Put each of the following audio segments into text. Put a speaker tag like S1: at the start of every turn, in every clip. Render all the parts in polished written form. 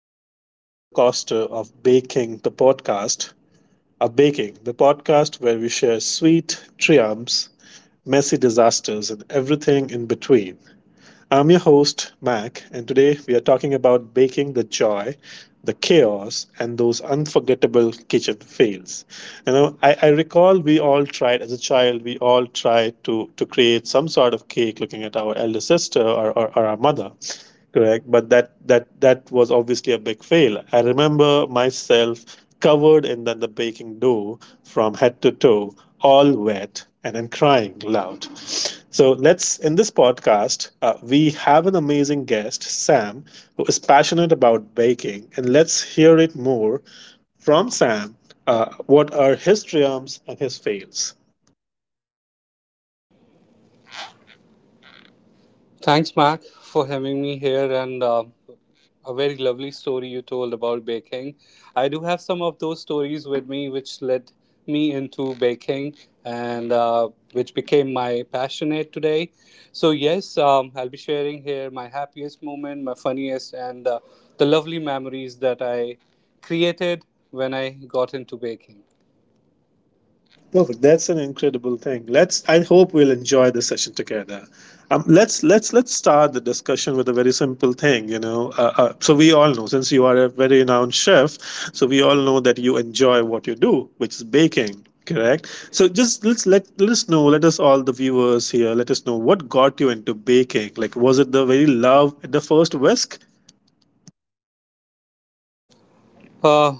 S1: emotional roller coaster of Baking the Podcast. Of Baking, the podcast where we share sweet triumphs, messy disasters, and everything in between. I'm your host, Mac, and today we are talking about baking the joy, the chaos, and those unforgettable kitchen fails. You know, I recall we all tried as a child, we all tried to create some sort of cake looking at our elder sister or our mother, correct? But that was obviously a big fail. I remember myself covered in then the baking dough from head to toe, all wet and then crying loud. So let's, in this podcast, we have an amazing guest, Sam, who is passionate about baking, and let's hear it more from Sam. What are his triumphs and his fails?
S2: Thanks, Mark, for having me here, and a very lovely story you told about baking. I do have some of those stories with me, which led me into baking, and which became my passionate today. So yes, I'll be sharing here my happiest moment, my funniest, and the lovely memories that I created when I got into baking.
S1: Perfect. That's an incredible thing. Let's. I hope we'll enjoy the session together. Let's start the discussion with a very simple thing. You know, so we all know, since you are a very renowned chef, so we all know that you enjoy what you do, which is baking. Correct. So just let's, let us know. Let us, all the viewers here, let us know what got you into baking. Like, was it the very love at the first whisk?
S2: Uh,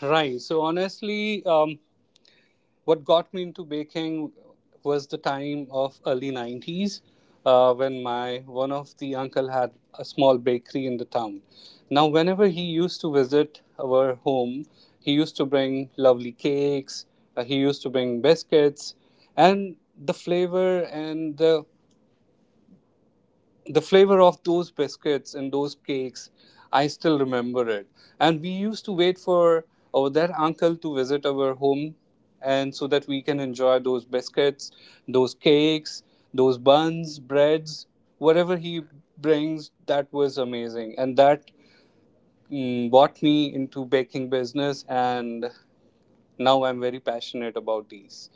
S2: right. So honestly, what got me into baking was the time of early 90s when my one of the uncle had a small bakery in the town. Now whenever he used to visit our home, he used to bring lovely cakes. Uh, he used to bring biscuits, and the flavor and the flavor of those biscuits and those cakes, I still remember it. And we used to wait for our that uncle to visit our home, and so that we can enjoy those biscuits, those cakes, those buns, breads. Whatever he brings, that was amazing, and that brought me into baking business, and now I'm very passionate about these.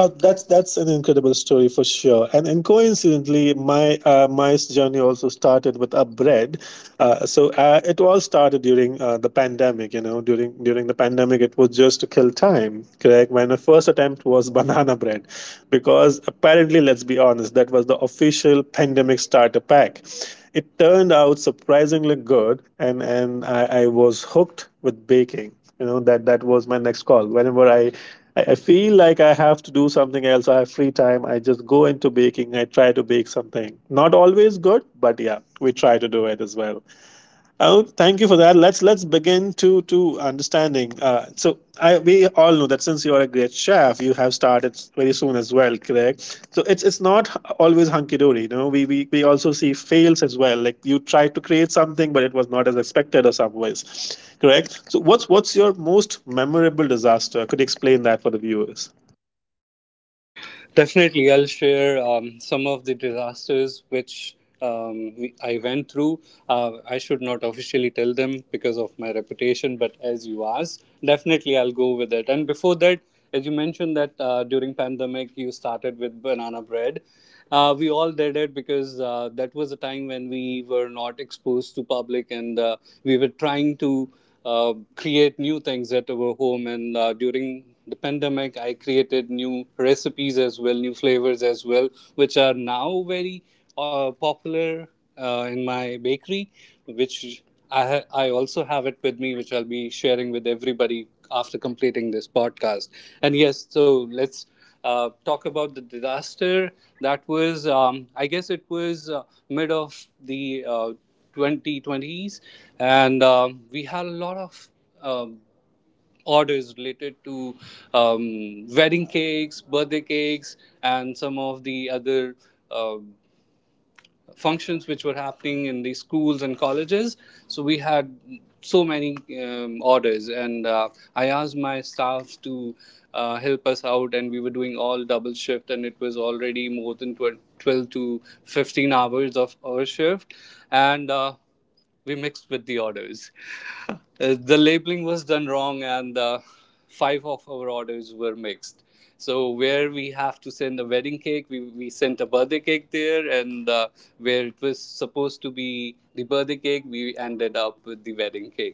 S1: Oh, that's an incredible story for sure, and coincidentally, my my journey also started with a bread. It all started during the pandemic. You know, during the pandemic, it was just to kill time. Correct. My first attempt was banana bread, because apparently, let's be honest, that was the official pandemic starter pack. It turned out surprisingly good, and I was hooked with baking. You know, that was my next call. Whenever I I feel like I have to do something else. I have free time. I just go into baking. I try to bake something. Not always good, but yeah, we try to do it as well. Oh, thank you for that. Let's begin to understanding. So I we all know that since you are a great chef, you have started very soon as well, correct? So it's not always hunky dory. You know, we also see fails as well. Like you tried to create something, but it was not as expected or some ways, correct? So what's your most memorable disaster? Could you explain that for the viewers?
S2: Definitely, I'll share some of the disasters which I went through. I should not officially tell them because of my reputation, but as you asked, definitely I'll go with it. And before that, as you mentioned that during pandemic you started with banana bread. We all did it because that was a time when we were not exposed to public, and we were trying to create new things at our home. And during the pandemic I created new recipes as well, new flavors as well, which are now very popular in my bakery, which I also have it with me, which I'll be sharing with everybody after completing this podcast. And yes, so let's talk about the disaster. That was, I guess it was mid of the 2020s, and we had a lot of um, orders related to wedding cakes, birthday cakes, and some of the other um functions which were happening in the schools and colleges. So we had so many orders, and I asked my staff to. Help us out, and we were doing all double shift, and it was already more than 12 to 15 hours of our shift, and we mixed with the orders. The labeling was done wrong, and five of our orders were mixed. So where we have to send a wedding cake, we sent a birthday cake there, and where it was supposed to be the birthday cake, we ended up with the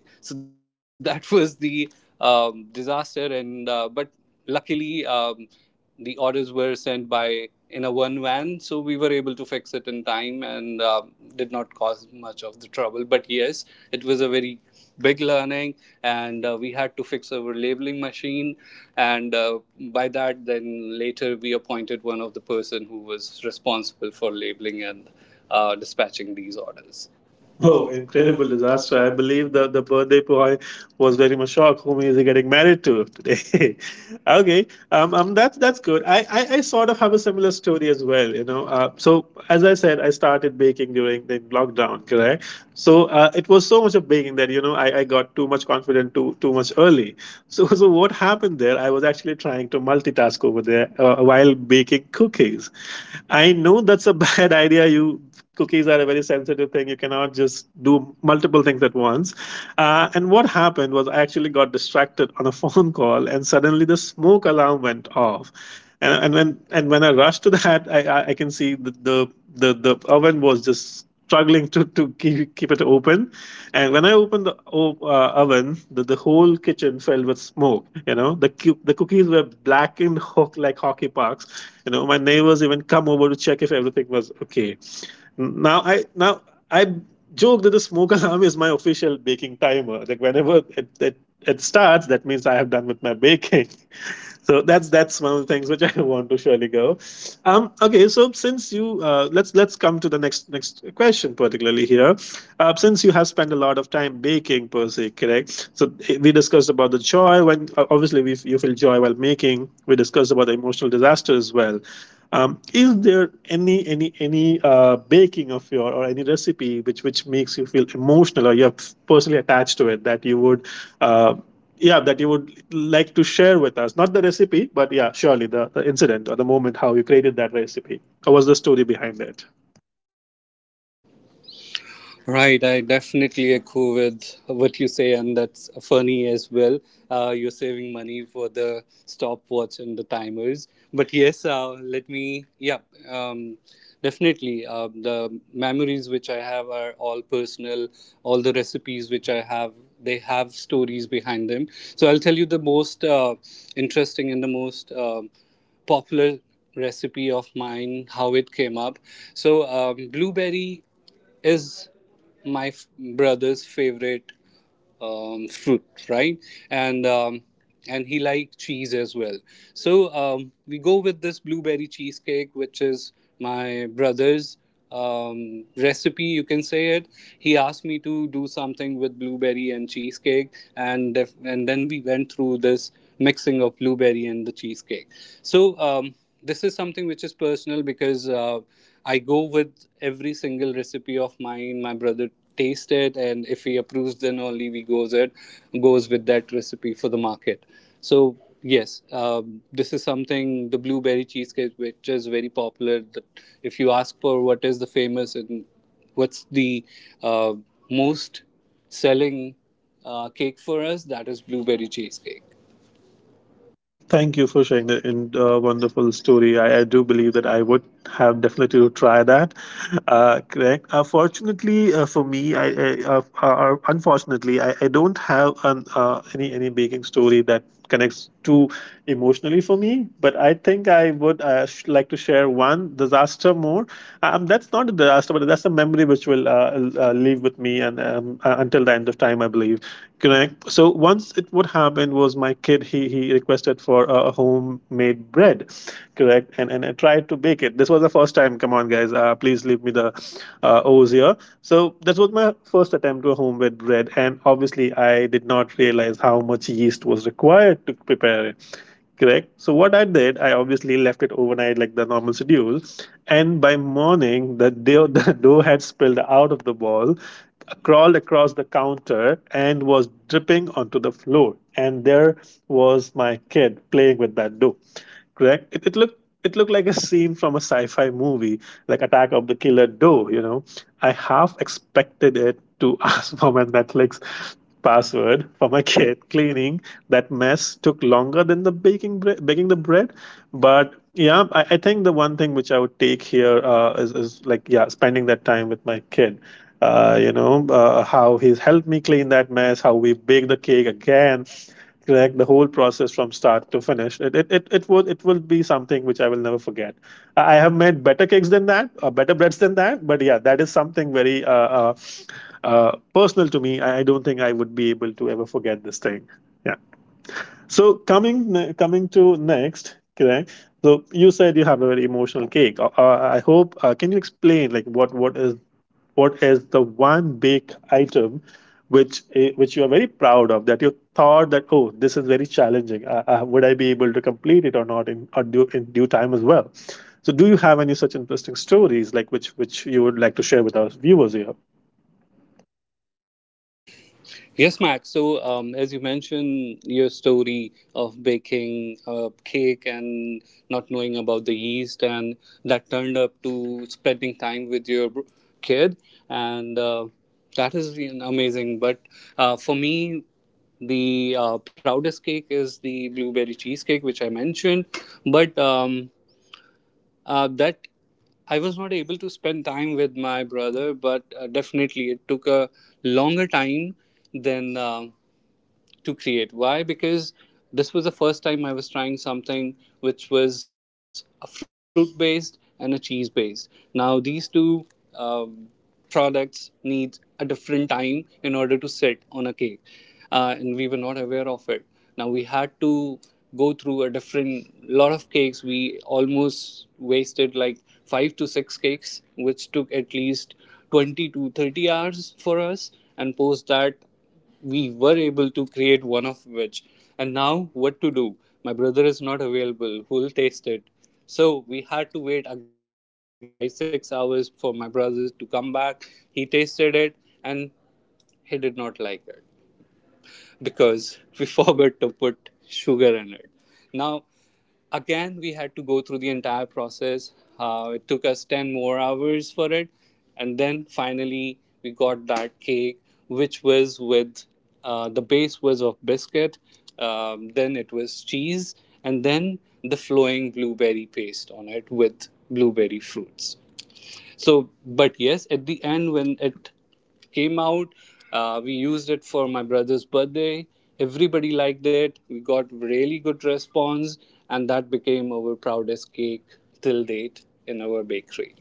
S2: wedding cake. So that was the disaster, and but luckily, orders were sent by in a one van, so we were able to fix it in time, and did not cause much of the trouble. But yes, it was a very big learning, and we had to fix our labeling machine, and by that then later we appointed one of the person who was responsible for labeling and dispatching these orders.
S1: Oh,
S2: Oh, and
S1: incredible
S2: terrible
S1: disaster. I
S2: disaster!
S1: believe the birthday boy was very much shocked. Whom is he getting married to today? Okay. That's good. I sort of have a similar story as well, you know. So as I said, I started baking during the lockdown, correct? So it was so much of baking that, you know, I got too much confident, too much early. So so what happened there? I was actually trying to multitask over there while baking cookies. I know that's a bad idea. You cookies are a very sensitive thing. You cannot just do multiple things at once. And what happened was, I actually got distracted on a phone call, and suddenly the smoke alarm went off. And when I rushed to that, I can see the oven was just struggling to keep, it open. And when I opened the oven, the whole kitchen filled with smoke. You know, the cookies were blackened hook like hockey pucks. You know, my neighbors even come over to check if everything was okay. Now I joke that the smoke alarm is my official baking timer. Like whenever it starts, that means I have done with my baking. So that's one of the things which I want to surely go. Okay, so since you let's come to the next question particularly here. Since you have spent a lot of time baking per se, correct? So we discussed about the joy when, obviously, you feel joy while making. We discussed about the emotional disaster as well. Is there any baking of your or any recipe which makes you feel emotional, or you're personally attached to it, that you would uh, yeah, that you would like to share with us? Not the recipe, but yeah, surely the incident or the moment how you created that recipe, or was the story behind it?
S2: Right, I definitely echo with what you say, and that's funny as well. You're saving money for the stopwatch and the timers. But yes, um, definitely. The memories which I have are all personal, all the recipes which I have, they have stories behind them. So I'll tell you the most interesting and the most popular recipe of mine, how it came up. So, blueberry is my brother's favorite fruit, right? And um, and he liked cheese as well. So we go with this blueberry cheesecake, which is my brother's recipe. You can say it. He asked me to do something with blueberry and cheesecake, and and then we went through this mixing of blueberry and the cheesecake. So. This is something which is personal because I go with every single recipe of mine. My brother tastes it, and if he approves, then only we goes it goes with that recipe for the market. So yes, this is something the blueberry cheesecake, which is very popular. If you ask for what is the famous and what's the uh, most selling cake for us, that is blueberry cheesecake.
S1: Thank you for sharing the in, wonderful story. I do believe that I would have definitely to try that. Correct. Unfortunately, for me, I unfortunately, I don't have an any baking story that connects too emotionally for me. But I think I would like to share one disaster more. That's not a disaster, but that's a memory which will live with me, and until the end of time, I believe. Correct. So once, it what happened was, my kid, he requested for a homemade bread, correct, and I tried to bake it. This was the first time. Come on, guys, please leave me the O's here. So that was my first attempt to a homemade bread, and obviously I did not realize how much yeast was required to prepare it. Correct. So what I did, I obviously left it overnight like the normal schedule, and by morning the dough, the dough had spilled out of the ball, crawled across the counter, and was dripping onto the floor. And there was my kid playing with that dough, correct? It looked, it looked like a scene from a sci-fi movie, like Attack of the Killer Doe. You know, I half expected it to ask for my Netflix password for my kid. Cleaning that mess took longer than the baking the bread, but yeah, I think the one thing which I would take here, is like, yeah, spending that time with my kid. You know, how he's helped me clean that mess, how we bake the cake again, correct. The whole process from start to finish, it will be something which I will never forget. I have made better cakes than that or better breads than that, but yeah, that is something very uh, personal to me. I don't think I would be able to ever forget this thing, yeah. So coming to next, correct. So you said you have a very emotional cake, I hope, can you explain, like, what is the one big item which, which you are very proud of, that you thought that, oh, this is very challenging, would I be able to complete it or not in or due, in due time as well? So do you have any such interesting stories like which you would like to share with our viewers here?
S2: Yes, Max. So, as you mentioned, your story of baking a cake and not knowing about the yeast, and that turned up to spending time with your kid, and that is amazing. But for me, the proudest cake is the blueberry cheesecake, which I mentioned. But that I was not able to spend time with my brother, but definitely it took a longer time than. To create. Why? Because this was the first time I was trying something which was a fruit based and a cheese based. Now, these two um, products need a different time in order to sit on a cake, and we were not aware of it. Now, we had to go through a different lot of cakes. We almost wasted like 5 to 6 cakes, which took at least 20 to 30 hours for us, and post that we were able to create one of which. And now what to do, my brother is not available who'll taste it. So we had to wait again for 5, 6 hours for my brother to come back. He tasted it, and he did not like it because we forgot to put sugar in it. Now, again, we had through the entire process. It took us 10 more hours for it. And then finally, we got that cake, which was with the base was of biscuit, then it was cheese, and then the flowing blueberry paste on it with blueberry fruits. So, but yes, at the end when it came out, we used it for my brother's birthday. Everybody liked it. We got really good response, and that became our proudest cake till date in our bakery.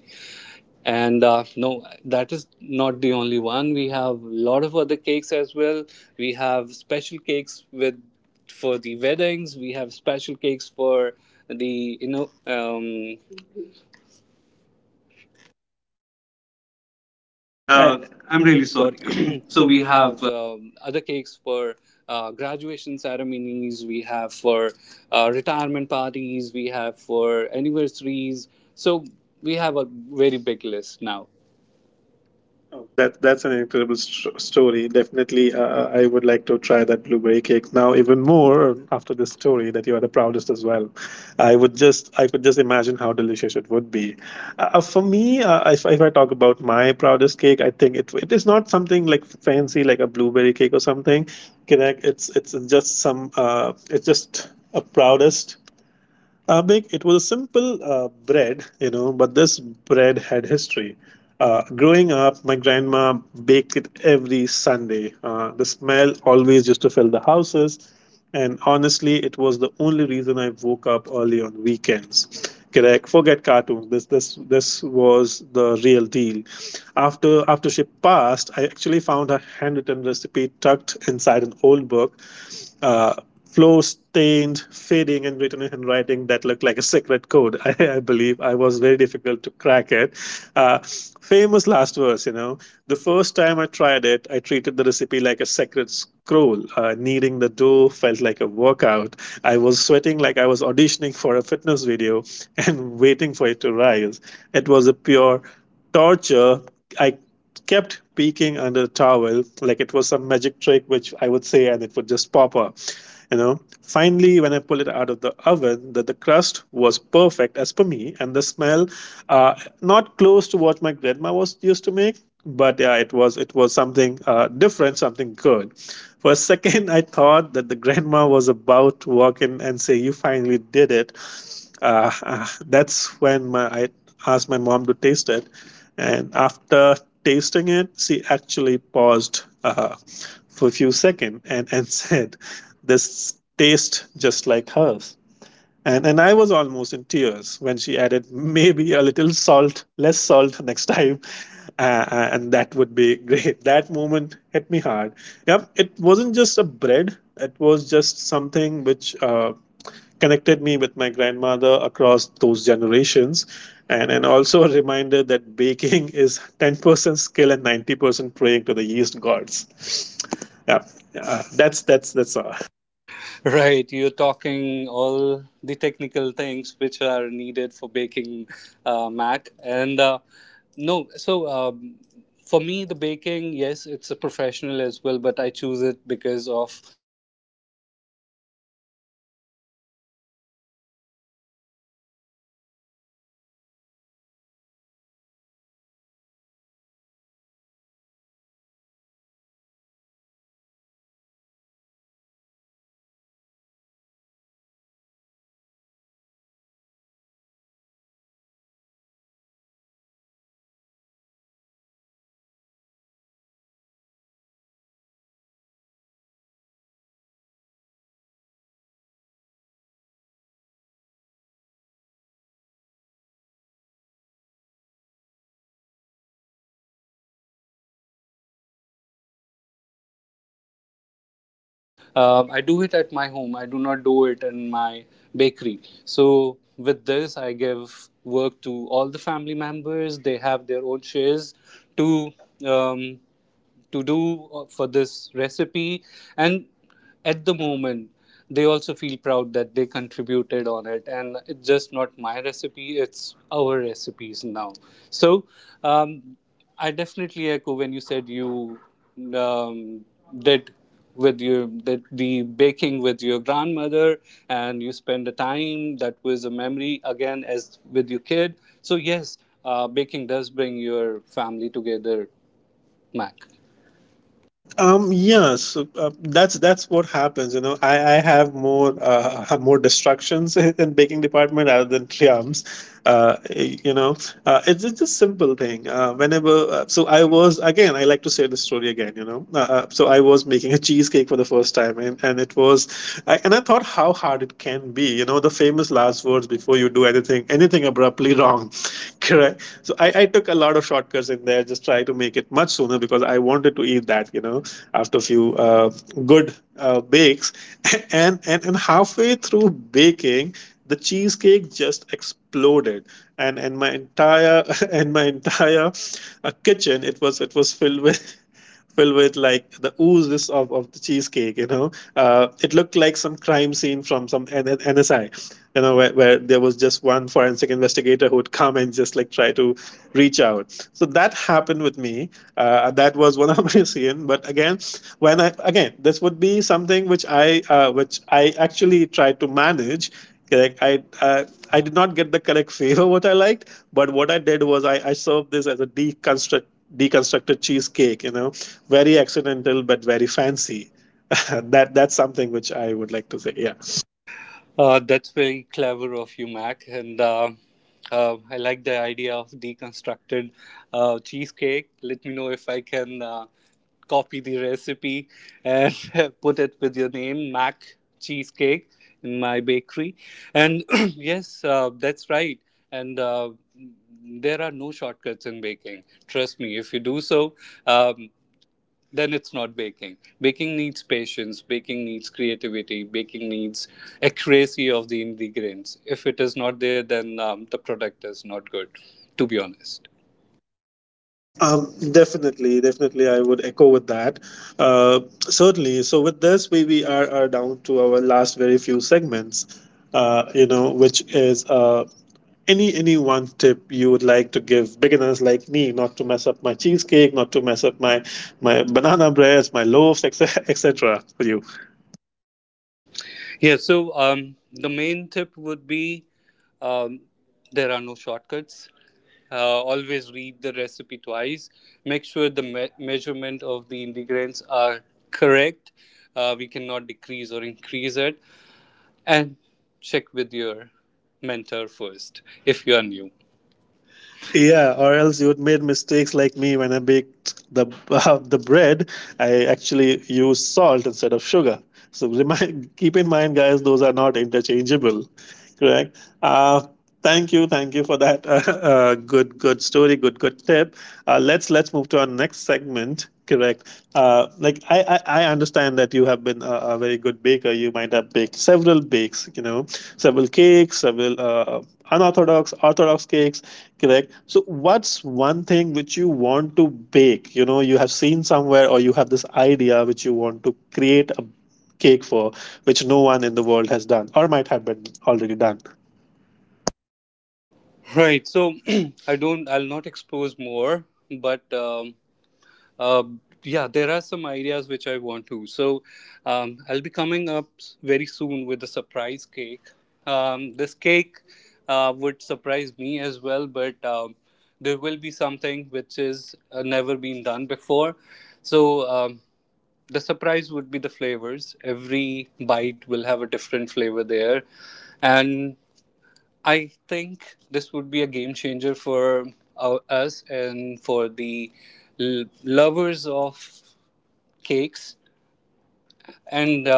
S2: And no, that is not the only one. We have a lot of other cakes as well. We have special cakes with for the weddings. We have special cakes for the
S1: Uh, I'm
S2: I'm
S1: really
S2: really
S1: sorry.
S2: sorry.
S1: So
S2: So
S1: we
S2: we
S1: have
S2: have other cakes for graduation ceremonies. We have for retirement parties. We have for anniversaries. So we have a very big list now.
S1: Oh,
S2: Oh.
S1: that that's an incredible story. Definitely, I would like to try that blueberry cake now even more after this story that you are the proudest as well. I would just I could just imagine how delicious it would be. For me, if I talk about my proudest cake, I think it is not something like fancy like a blueberry cake or something. Correct? It's just some it's just a proudest Big, it was a simple bread, you know, but this bread had history. Growing up, my grandma baked it every Sunday. The smell always used to fill the houses, and honestly, it was the only reason I woke up early on weekends. Correct. Forget cartoons. This was the real deal. After she passed, I actually found her handwritten recipe tucked inside an old book. Uh, flow stained, fading, and written in handwriting that looked like a secret code. I believe I was very difficult to crack it. Uh, famous last verse, you know. The first time I tried it, I treated the recipe like a sacred scroll. Kneading the dough felt like a workout. I was sweating like I was auditioning for a fitness video and waiting for it to rise. It was a pure torture. I kept peeking under the towel like it was some magic trick which I would say and it would just pop up, you know. Finally, when I pulled it out of the oven, that the crust was perfect as per me, and the smell, uh, not close to what my grandma was used to make. But yeah, it was, it was something, different, something good. For a second, I thought that the grandma was about to walk in and say, "You finally did it." That's when I asked my mom to taste it. And after tasting it, she actually paused, for a few seconds, and said, "This tastes just like hers." And I was almost in tears when she added, "Maybe a little salt, less salt next time, and that would be great." That moment hit me hard. Yep, it wasn't just a bread; it was just something which, connected me with my grandmother across those generations, and also a reminder that baking is 10% skill and 90% praying to the yeast gods. Yeah, that's all.
S2: Right, you're talking all the technical things which are needed for baking, Mac, and no, so, for me the baking, yes, it's a professional as well, but I choose it because of I do it at my home. I do not do it in my bakery. So with this, I give work to all the family members. They have their own shares to um, to do for this recipe, and at the moment they also feel proud that they contributed on it, and it's just not my recipe, it's our recipes now. So, um, I definitely echo when you said you um, did with your the baking with your grandmother, and you spend the time. That was a memory again, as with your kid. So yes, baking does bring your family together, Mac.
S1: Yeah, so that's what happens. You know, I have more have more destructions in baking department rather than triumphs. You know, it's a simple thing. Whenever So I was again, I like to say the story again. You know, so I was making a cheesecake for the first time, and it was, and I thought, how hard it can be? You know, the famous last words before you do anything abruptly wrong, correct? So I took a lot of shortcuts in there, just try to make it much sooner because I wanted to eat that, you know, after a few good bakes, and halfway through baking, the cheesecake just exploded, and my entire and my entire kitchen. It was, it was filled with filled with like the oozes of the cheesecake, you know. It looked like some crime scene from some nsi, you know, where there was just one forensic investigator who would come and just like try to reach out. So that happened with me. That was one of my sins. But again, when I, again, this would be something which I actually tried to manage. Correct. I did not get the correct flavor what I liked, but what I did was I served this as a deconstructed cheesecake. You know, very accidental but very fancy. That's something which I would like to say. Yeah,
S2: That's very clever of you, Mac. And I like the idea of deconstructed cheesecake. Let me know if I can copy the recipe and put it with your name, Mac Cheesecake, in my bakery. And yes, that's right. And there are no shortcuts in baking. Trust me, if you do so, um, then it's not baking. Baking needs patience, baking needs creativity, baking needs accuracy of the ingredients. If it is not there, then the product is not good, to be honest.
S1: definitely, definitely, I would echo with that. Uh, Certainly. So with this, we are down to our last very few segments. You know, which is any one tip you would like to give beginners like me, not to mess up my cheesecake, not to mess up my banana breads, my loaves, etc., etc., for you?
S2: Yeah, so the main tip would be um, there are no shortcuts. Uh, Always read the recipe twice. Make sure the measurement of the ingredients are correct. We cannot decrease or increase it. And check with your mentor first if you are new.
S1: Yeah, or else you would made mistakes like me when I baked the the bread. I actually used salt instead of sugar. So keep in mind, guys, those are not interchangeable. Correct. Uh, Thank you, thank you for that. Good, good story, good, good tip. Let's move to our next segment. Correct. Like I understand that you have been a very good baker. You might have baked several bakes. You know, several cakes, several unorthodox, orthodox cakes. Correct. So, what's one thing which you want to bake? You know, you have seen somewhere, or you have this idea which you want to create a cake for, which no one in the world has done or might have been already done.
S2: Right. So I don't. I'll not expose more, but uh, yeah, there are some ideas which I want to. So I'll be coming up very soon with a surprise cake. This cake would surprise me as well, but there will be something which is never been done before. So, the surprise would be the flavors. Every bite will have a different flavor there, and. I think this would be a game changer for us and for the lovers of cakes. And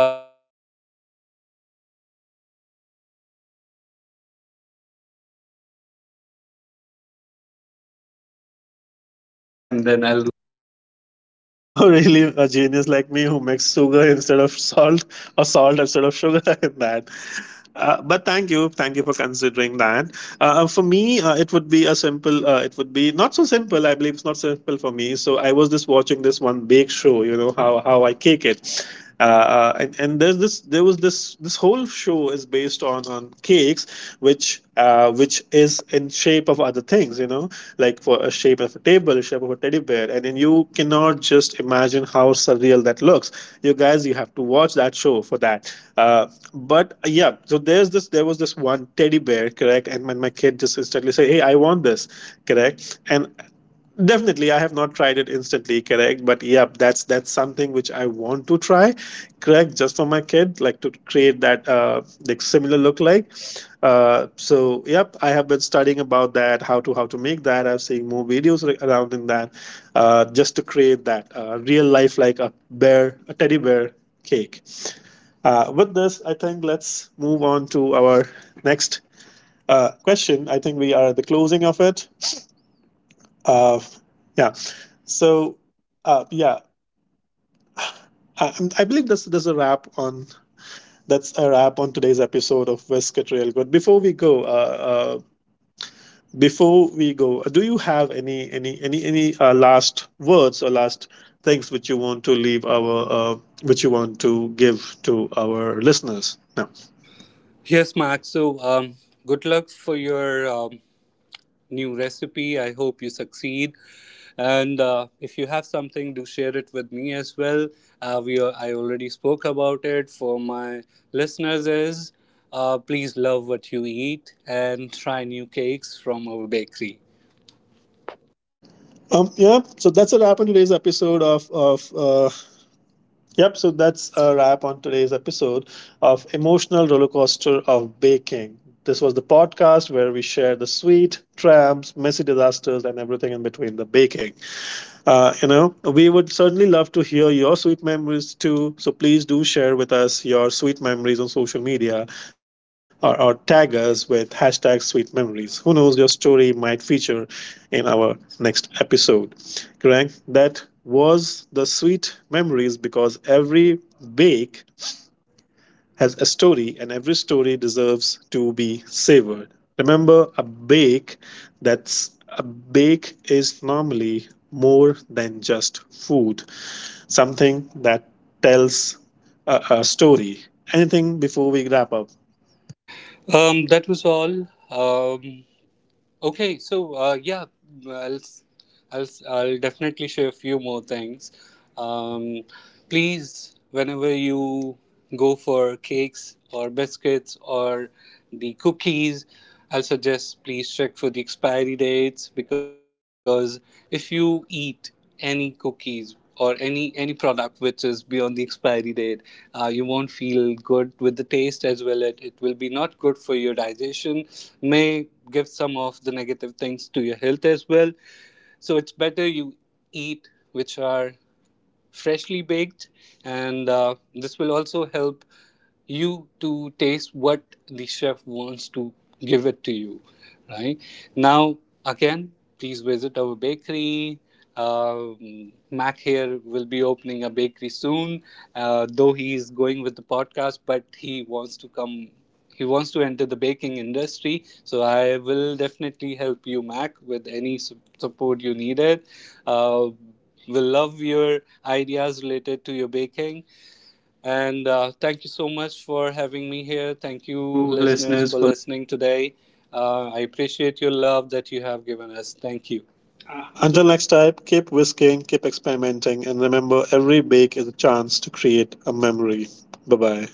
S1: The cake, and then I'll oh, really? A genius like me who makes sugar instead of salt or salt instead of sugar in that. But thank you for considering that. For me, it would be a simple. It would be not so simple. I believe it's not simple for me. So I was just watching this one bake show. You know, how I cake it. Uh, and there was this, this whole show is based on cakes which, which is in shape of other things, you know, like for a shape of a table, shape of a teddy bear, and then you cannot just imagine how surreal that looks. You guys, you have to watch that show for that. But yeah, so There was this one teddy bear, correct? And when my kid just instantly say, "Hey, I want this," correct? And definitely, I have not tried it instantly, correct? But yeah, that's something which I want to try, correct? Just for my kid, like to create that, like similar look like. So yep, I have been studying about that, how to make that. I've seen more videos around in that, just to create that, real life like a bear, a teddy bear cake. With this, I think let's move on to our next question. I think we are at the closing of it. Uh, yeah. So, yeah, I believe this there's a wrap on that's a wrap on today's episode of Westcott Rail. Good. Before we go, do you have any, last words or last things which you want to leave our, which you want to give to our listeners? No.
S2: Yes, Max. So, good luck for your new recipe. I hope you succeed. And if you have something, do share it with me as well. I already spoke about it. For my listeners, is please love what you eat and try new cakes from our bakery.
S1: Yeah. So that's a wrap on today's episode of Yep, so that's a wrap on today's episode of Emotional Rollercoaster of Baking. This was the podcast where we share the sweet, tramps, messy disasters, and everything in between the baking. You know, we would certainly love to hear your sweet memories too. So please do share with us your sweet memories on social media, or tag us with hashtag sweet memories. Who knows, your story might feature in our next episode. Correct? That was the sweet memories because every bake has a story, and every story deserves to be savored. Remember, that's a bake is normally more than just food, something that tells a story. Anything before we wrap up?
S2: That was all. Okay, well, I'll definitely share a few more things. Um, Please, whenever you go for cakes or biscuits or the cookies, I'll suggest please check for the expiry dates, because if you eat any cookies or any product which is beyond the expiry date, you won't feel good with the taste as well. It will be not good for your digestion. May give some of the negative things to your health as well. So it's better you eat which are freshly baked, and this will also help you to taste what the chef wants to give it to you right now. Again, please visit our bakery. Mac here will be opening a bakery soon. Though he is going with the podcast, but he wants to come, he wants to enter the baking industry. So I will definitely help you, Mac, with any support you needed. uh, will love your ideas related to your baking. And thank you so much for having me here. Thank
S1: Thank
S2: you,
S1: you,
S2: listeners,
S1: listeners,
S2: for
S1: for
S2: listening today. I appreciate your love that you have given us. Thank you.
S1: Until
S2: Until
S1: next time, keep whisking, keep experimenting, and remember every bake is a chance to create a memory. Bye bye.